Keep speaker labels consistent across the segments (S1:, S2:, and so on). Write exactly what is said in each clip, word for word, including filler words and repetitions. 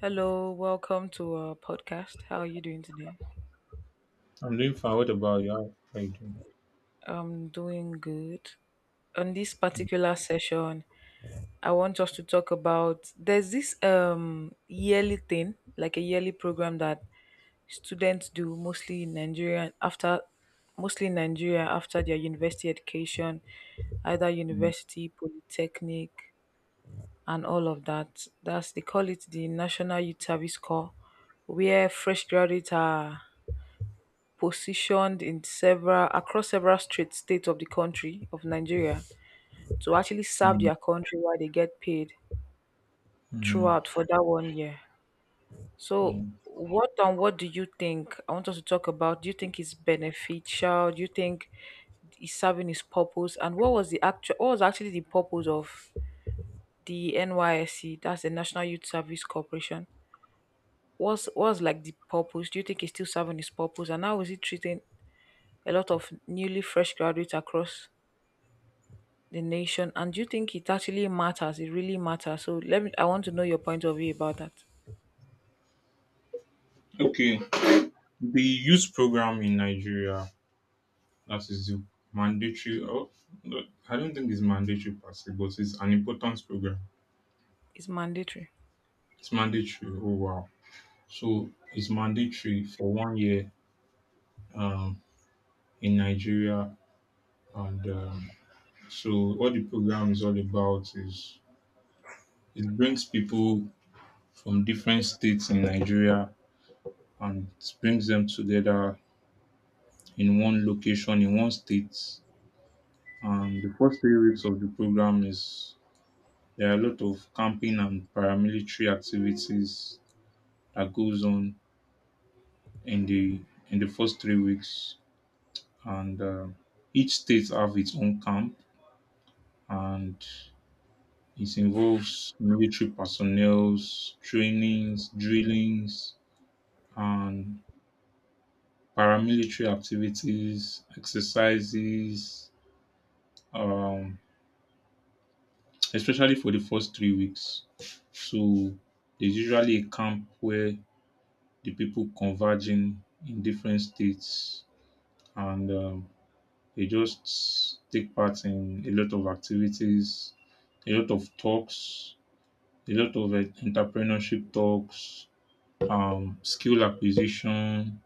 S1: Hello, welcome to our podcast. How are you doing today?
S2: I'm doing fine. What about you? How how you doing?
S1: I'm doing good. On this particular session, I want us to talk about there's this um yearly thing, like a yearly program that students do mostly in Nigeria after mostly in Nigeria after their university education, either university, polytechnic, and all of that. That's They call it the National Youth Service Corps, where fresh graduates are positioned in several across several straight states of the country of Nigeria to actually serve their country while they get paid
S2: Mm-hmm.
S1: throughout for that one year. So
S2: Yeah.
S1: what and what do you think? I want us to talk about, do you think it's beneficial? Do you think is serving his purpose, and what was the actual what was actually the purpose of the N Y S C, that's the National Youth Service Corporation? What's what's like the purpose? Do you think it's still serving its purpose, and how is it treating a lot of newly fresh graduates across the nation? And do you think it actually matters it really matters? So let me, I want to know your point of view about that.
S2: Okay. The youth program in Nigeria, that is the mandatory. Oh, no, I don't think it's mandatory per se, but it's an important program.
S1: It's mandatory.
S2: It's mandatory. Oh wow! So it's mandatory for one year um, in Nigeria, and um, so what the program is all about is it brings people from different states in Nigeria and it brings them together in one location in one state. And the first three weeks of the program is there are a lot of camping and paramilitary activities that goes on in the in the first three weeks. And uh, Each state have its own camp, and it involves military personnel's trainings, drillings, and paramilitary activities, exercises, um, especially for the first three weeks. So there's usually a camp where the people converging in different states, and um, they just take part in a lot of activities, a lot of talks, a lot of uh, entrepreneurship talks, um, skill acquisition,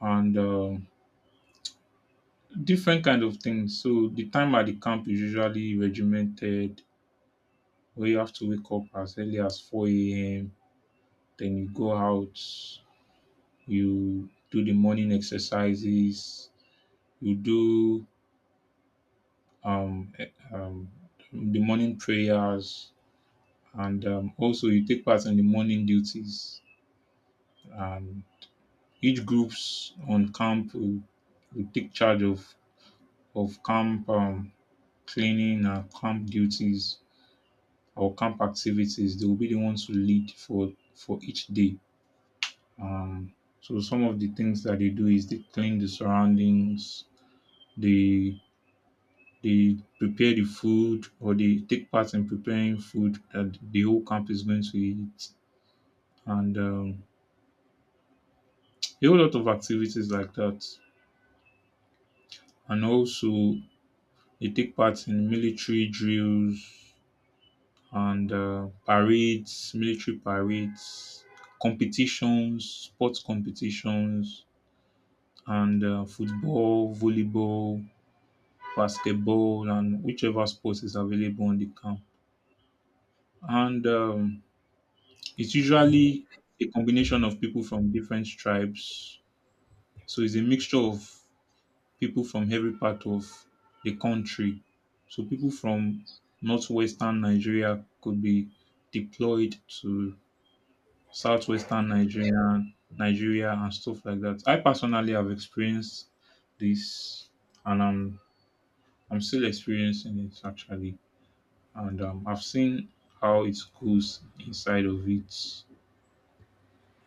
S2: and um different kind of things. So the time at the camp is usually regimented, where you have to wake up as early as four a.m. Then you go out, you do the morning exercises, you do um, eh, um, the morning prayers, and um, also you take part in the morning duties. And each groups on camp will, will take charge of of camp um, cleaning and camp duties or camp activities. They will be the ones who lead for for each day. Um, so some of the things that they do is they clean the surroundings. They they prepare the food or they take part in preparing food that the whole camp is going to eat, and um, a whole lot of activities like that. And also they take part in military drills and uh, parades, military parades, competitions, sports competitions, and uh, football, volleyball, basketball, and whichever sports is available on the camp. And um, It's usually a combination of people from different tribes. So it's a mixture of people from every part of the country. So people from northwestern Nigeria could be deployed to southwestern Nigeria, Nigeria and stuff like that. I personally have experienced this, and I'm I'm still experiencing it actually. And um, I've seen how it goes inside of it.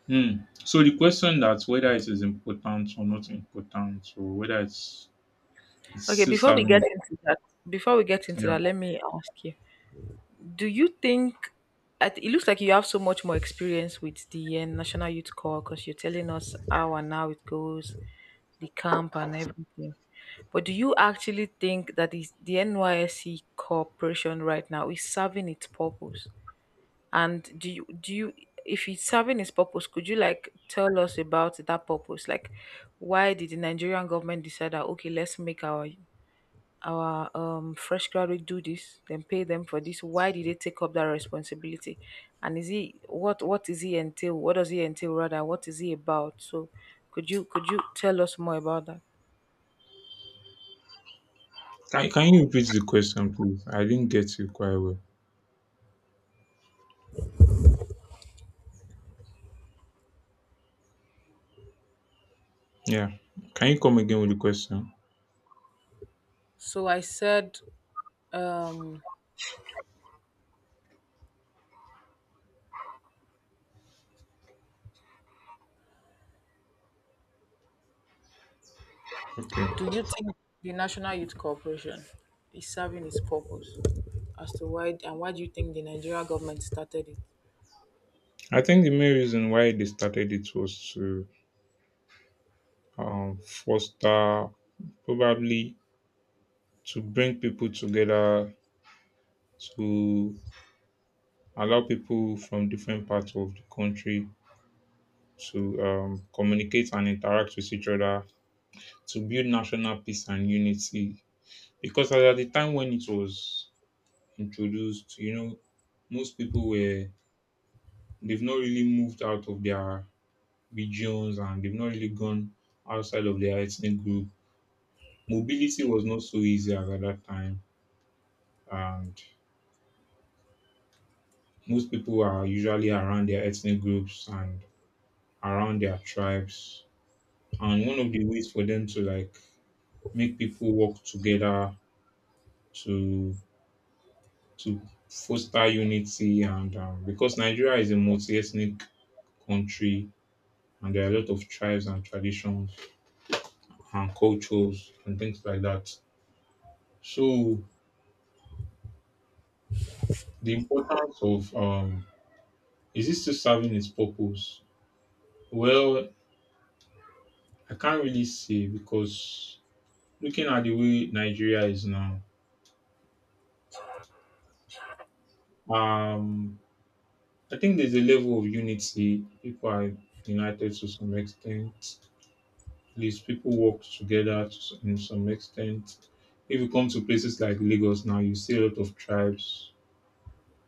S2: Hmm. So the question that whether it is important or not important, or whether it's it's
S1: Okay,
S2: still
S1: before we
S2: serving
S1: get
S2: it.
S1: into that, before we get into
S2: Yeah.
S1: that let me ask you, do you think, at- it looks like you have so much more experience with the uh, national youth corps because you're telling us how and how it goes, the camp and everything, but do you actually think that is the NYSC corporation right now is serving its purpose? And do you do you if it's serving its purpose, could you like tell us about that purpose? Like, why did the Nigerian government decide that okay, let's make our our um fresh graduate do this, then pay them for this? Why did they take up that responsibility? And is he what what is he entail? What does he entail rather? What is he about? So could you could you tell us more about that?
S2: Can, can you repeat the question, please? I didn't get you quite well. Yeah. Can you come again with the question?
S1: So I said, um
S2: Okay.
S1: do you think the National Youth Corporation is serving its purpose? As to why, and why do you think the Nigerian government started it?
S2: I think the main reason why they started it was to um, foster, probably, to bring people together, to allow people from different parts of the country to um, communicate and interact with each other to build national peace and unity. Because at the time when it was introduced, you know, most people were they've not really moved out of their regions, and they've not really gone outside of their ethnic group. Mobility was not so easy as at that time, and most people are usually around their ethnic groups and around their tribes. And one of the ways for them to like make people work together to to foster unity, and um, because Nigeria is a multi-ethnic country and there are a lot of tribes and traditions and cultures and things like that. So the importance of, um, is it still serving its purpose? Well, I can't really say because looking at the way Nigeria is now, um, I think there's a level of unity. People are united to some extent. These people work together to s- in some extent. If you come to places like Lagos now, you see a lot of tribes.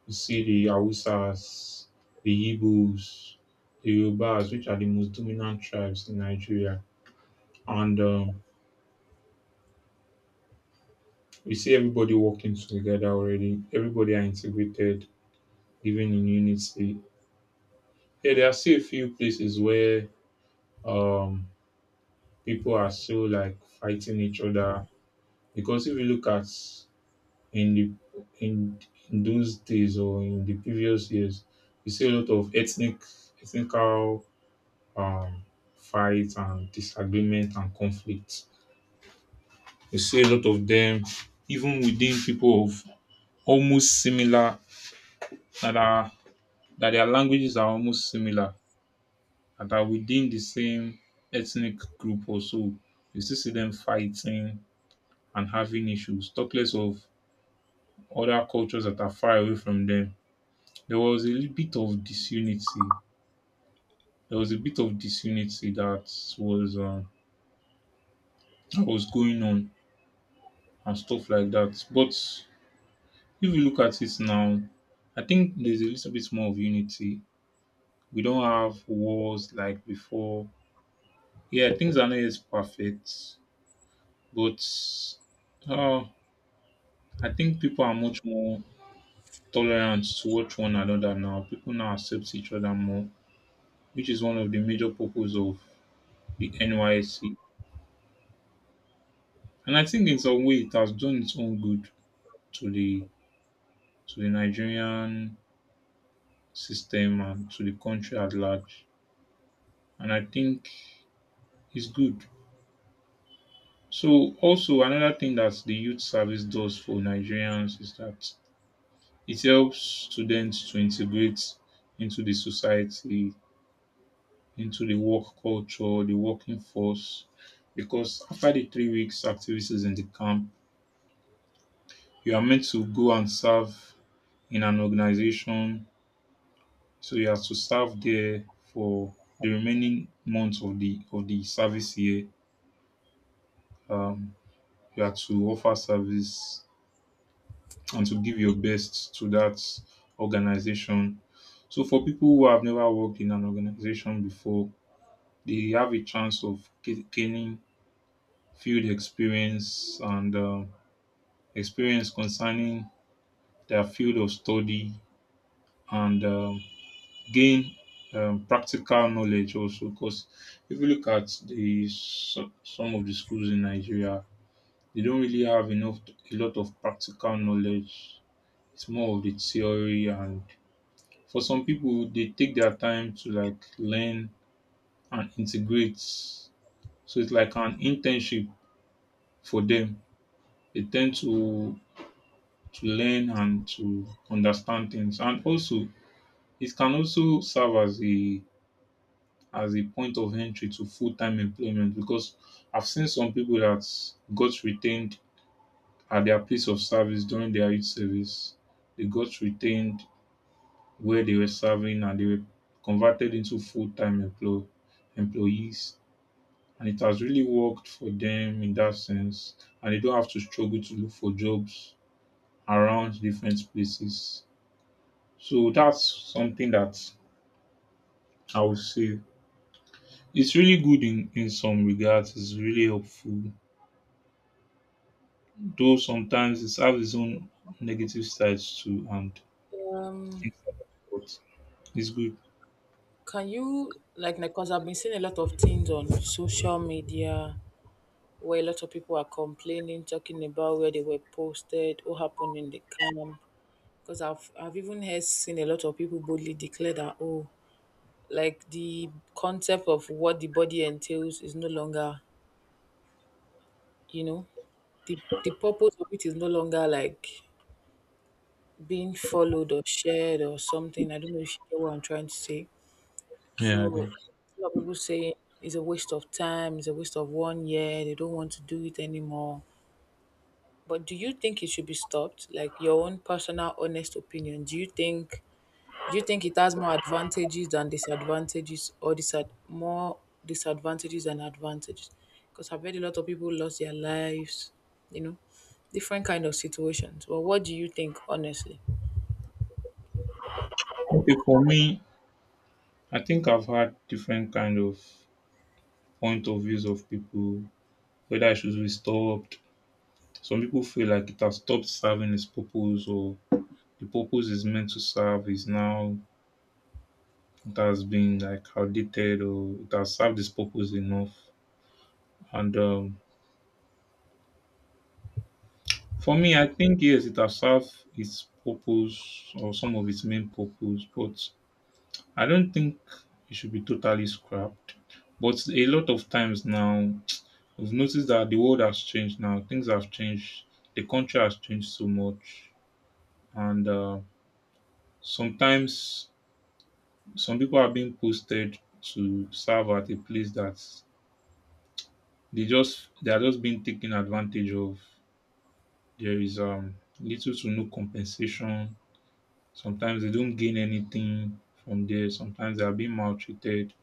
S2: You see the Hausas, the Igbos, the Yorubas, which are the most dominant tribes in Nigeria. And um, You see everybody working together already. Everybody are integrated, living in unity. Yeah, there are still a few places where um, people are still like fighting each other. Because if you look at in the in, in those days or in the previous years, you see a lot of ethnic ethnical um, fights and disagreement and conflicts. You see a lot of them even within people of almost similar that are that their languages are almost similar and are within the same ethnic group also. You still see them fighting and having issues. Talk less of other cultures that are far away from them. There was a little bit of disunity there was a bit of disunity that was um, that was going on and stuff like that. But if you look at it now, I think there's a little bit more of unity. We don't have wars like before. Yeah, things are not as perfect, but uh, I think people are much more tolerant towards one another now. People now accept each other more, which is one of the major purpose of the N Y C. And I think in some way it has done its own good to the to the Nigerian system and to the country at large. And I think it's good. So, also, another thing that the youth service does for Nigerians is that it helps students to integrate into the society, into the work culture, the working force, because after the three weeks activities in the camp, you are meant to go and serve in an organization. So you have to serve there for the remaining months of the of the service year. Um, you have to offer service and to give your best to that organization. So for people who have never worked in an organization before, they have a chance of ga- gaining field experience and um, experience concerning their field of study, and um, gain um, practical knowledge also, because if you look at the so- some of the schools in Nigeria, they don't really have enough a lot of practical knowledge. It's more of the theory, and for some people, they take their time to like learn and integrate. So it's like an internship for them. They tend to to learn and to understand things, and also it can also serve as a as a point of entry to full-time employment, because I've seen some people that got retained at their place of service during their youth service. They got retained where they were serving, and they were converted into full-time employ- employees. And it has really worked for them in that sense. And they don't have to struggle to look for jobs around different places. So that's something that I would say. It's really good in, in some regards, it's really helpful. Though sometimes it has its own negative sides too, and
S1: Um,
S2: things like that, but it's good.
S1: can you like, because I've been seeing a lot of things on social media where a lot of people are complaining, talking about where they were posted, what happened in the camp. Because I've I've even heard seen a lot of people boldly declare that oh, like the concept of what the body entails is no longer, you know, the the purpose of it is no longer like being followed or shared or something. I don't know if you get what I'm trying to say. So
S2: Yeah, okay.
S1: a lot of people say it's a waste of time, it's a waste of one year, they don't want to do it anymore. But do you think it should be stopped? Like your own personal honest opinion. Do you think do you think it has more advantages than disadvantages, or disad- more disadvantages than advantages? Because I've heard a lot of people lost their lives, you know, different kind of situations. Well, what do you think honestly?
S2: Okay, for me, I think I've had different kind of point of views of people, whether it should be stopped. Some people feel like it has stopped serving its purpose, or the purpose is meant to serve is now it has been like outdated, or it has served its purpose enough. And um, for me, I think yes, it has served its purpose, or some of its main purpose, but I don't think it should be totally scrapped. But a lot of times now we've noticed that the world has changed now. Things have changed. The country has changed so much, and uh, sometimes some people are being posted to serve at a place that they just they are just being taken advantage of. There is um little to no compensation. Sometimes they don't gain anything from there. Sometimes they are being maltreated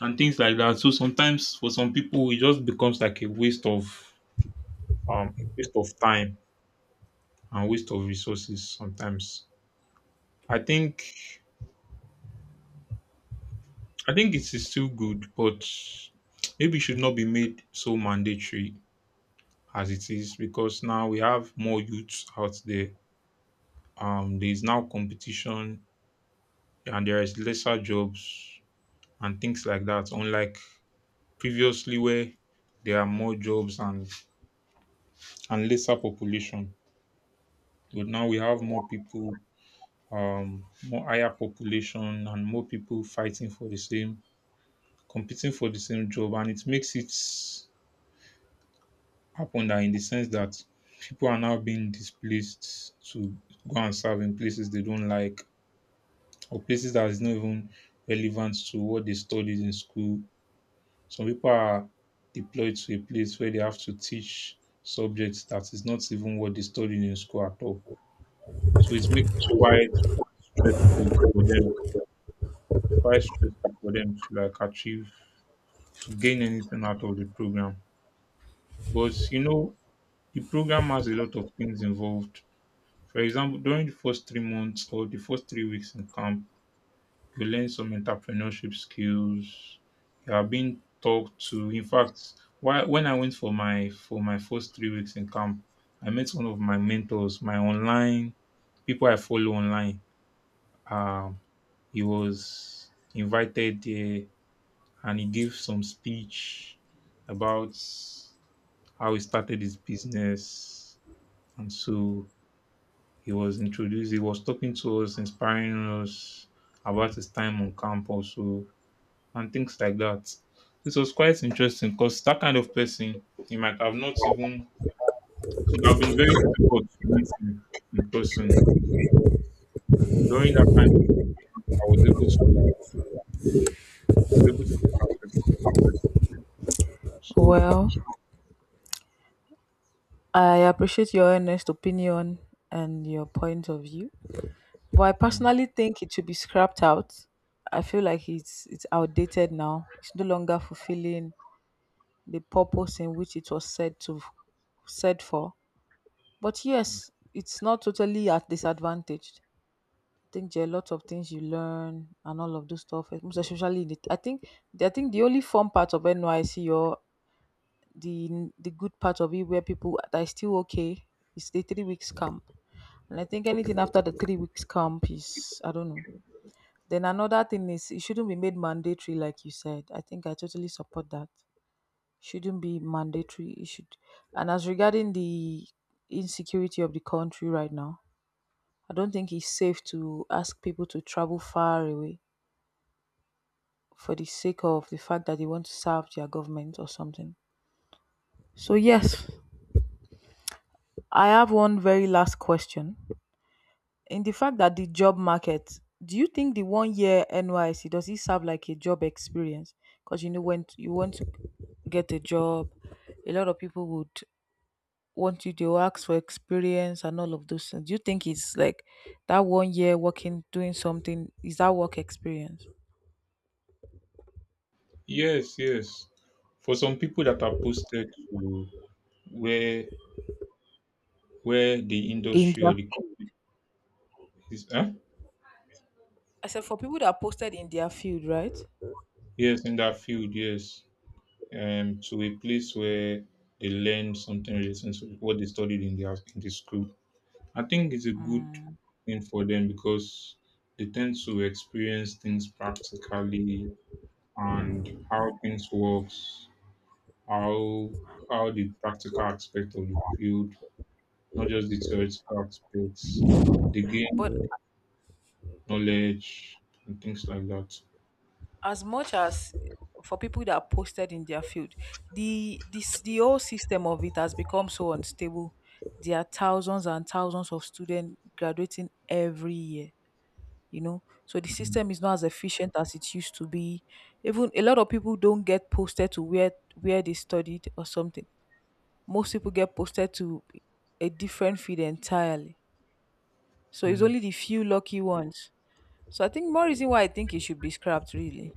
S2: and things like that. So sometimes for some people it just becomes like a waste of um waste of time and waste of resources sometimes. I think I think it is still good, but maybe it should not be made so mandatory as it is, because now we have more youths out there. Um there is now competition, and there is lesser jobs and things like that, unlike previously where there are more jobs, and, and lesser population. But now we have more people, um, more higher population, and more people fighting for the same, competing for the same job, and it makes it happen that in the sense that people are now being displaced to go and serve in places they don't like, or places that is not even relevant to what they studied in school. Some people are deployed to a place where they have to teach subjects that is not even what they studied in school at all. So it makes it quite stressful for them. quite stressful for them to like achieve to gain anything out of the program. But you know, the program has a lot of things involved. For example, during the first three months, or the first three weeks in camp, you learn some entrepreneurship skills. You are being talked to. In fact, why, when I went for my for my first three weeks in camp, I met one of my mentors, my online people I follow online. Um, he was invited there, and he gave some speech about how he started his business. And so he was introduced, he was talking to us, inspiring us about his time on camp also, and things like that. This was quite interesting because that kind of person, he might have not even, it would have been very difficult to meet him in person. But during that kind of, I was able to like, I was able to get access. So
S1: Well, I appreciate your honest opinion and your point of view, but I
S2: hmm.
S1: personally think it should be scrapped out. I feel like it's it's outdated now. It's no longer fulfilling the purpose in which it was said to said for. But yes, it's not totally at disadvantaged. I think there are a lot of things you learn and all of those stuff, eh, most especially in the, I think I think the only fun part of N Y C or the the good part of it where people that is still okay is the three weeks camp. And I think anything after the three weeks camp is, I don't know. Then another thing is, it shouldn't be made mandatory, like you said. I think I totally support that. Shouldn't be mandatory. It should. And as regarding the insecurity of the country right now, I don't think it's safe to ask people to travel far away for the sake of the fact that they want to serve their government or something. So, yes, I have one very last question. In the fact that the job market, do you think the one year N Y C does it serve like a job experience? Because you know when you want to get a job, a lot of people would want you to ask for experience and all of those things. Do you think it's like that one year working doing something is that work experience
S2: Yes, yes. For some people that are posted to where where the
S1: in
S2: industry or
S1: their
S2: the
S1: field?
S2: company is, huh?
S1: I said for people that are posted in their field, right?
S2: Yes, in that field, yes, um, to a place where they learn something related to what they studied in the in the school. I think it's a good
S1: Mm.
S2: thing for them, because they tend to experience things practically, and how things works, how how the practical aspect of the field, not just the theoretical aspects. They gain
S1: But
S2: knowledge and things like that.
S1: as much as for people that are posted in their field, the this the whole system of it has become so unstable. There are thousands and thousands of students graduating every year, you know. So the system is not as efficient as it used to be. Even a lot of people don't get posted to where where they studied or something. Most people get posted to a different field entirely. So it's
S2: Mm.
S1: only the few lucky ones. So I think more reason why I think it should be scrapped really.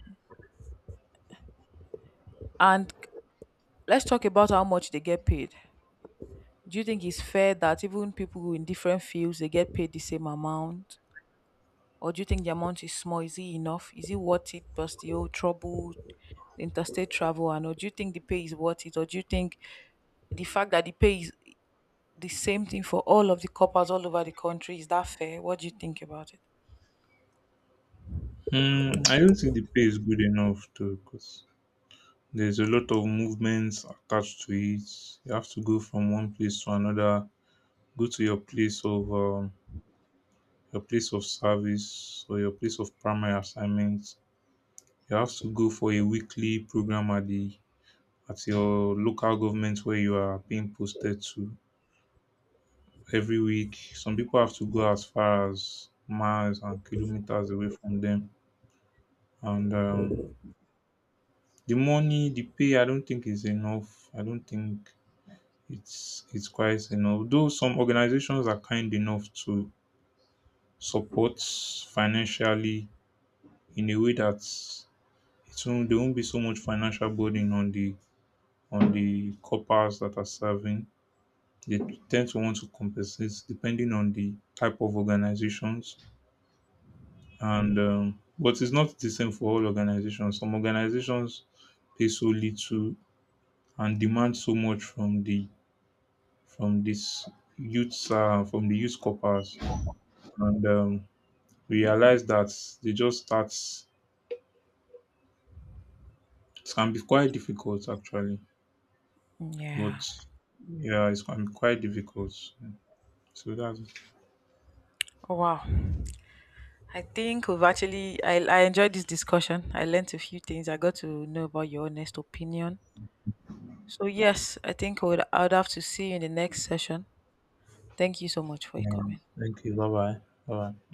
S1: And let's talk about how much they get paid. Do you think it's fair that even people in different fields they get paid the same amount? Or do you think the amount is small? Is it enough? Is it worth it plus the whole trouble, interstate travel and all? Do you think the pay is worth it? Or do you think the fact that the pay is the same thing for all of the coppers all over the country, is that fair? What do you think about it?
S2: Mm, I don't think the pay is good enough too, because there's a lot of movements attached to it. You have to go from one place to another, go to your place of, um, your place of service or your place of primary assignment. You have to go for a weekly program at the at your local government where you are being posted to every week. Some people have to go as far as miles and kilometers away from them. And um, the money, the pay, I don't think is enough. I don't think it's it's quite enough. Though some organizations are kind enough to support financially in a way that it won't there won't be so much financial burden on the on the coppers that are serving. They tend to want to compensate depending on the type of organizations, and um, but it's not the same for all organizations. Some organizations pay so little and demand so much from the from this youths, uh, from the youth corpers, and um, realize that they just start. It can be quite difficult actually,
S1: Yeah.
S2: but yeah, it's can be quite difficult. So that's it.
S1: Oh, wow. I think we've actually, I I enjoyed this discussion. I learned a few things. I got to know about your honest opinion. So yes, I think I would I would have to see you in the next session. Thank you so much for your
S2: Yeah.
S1: comment.
S2: Thank you. Bye bye. Bye bye.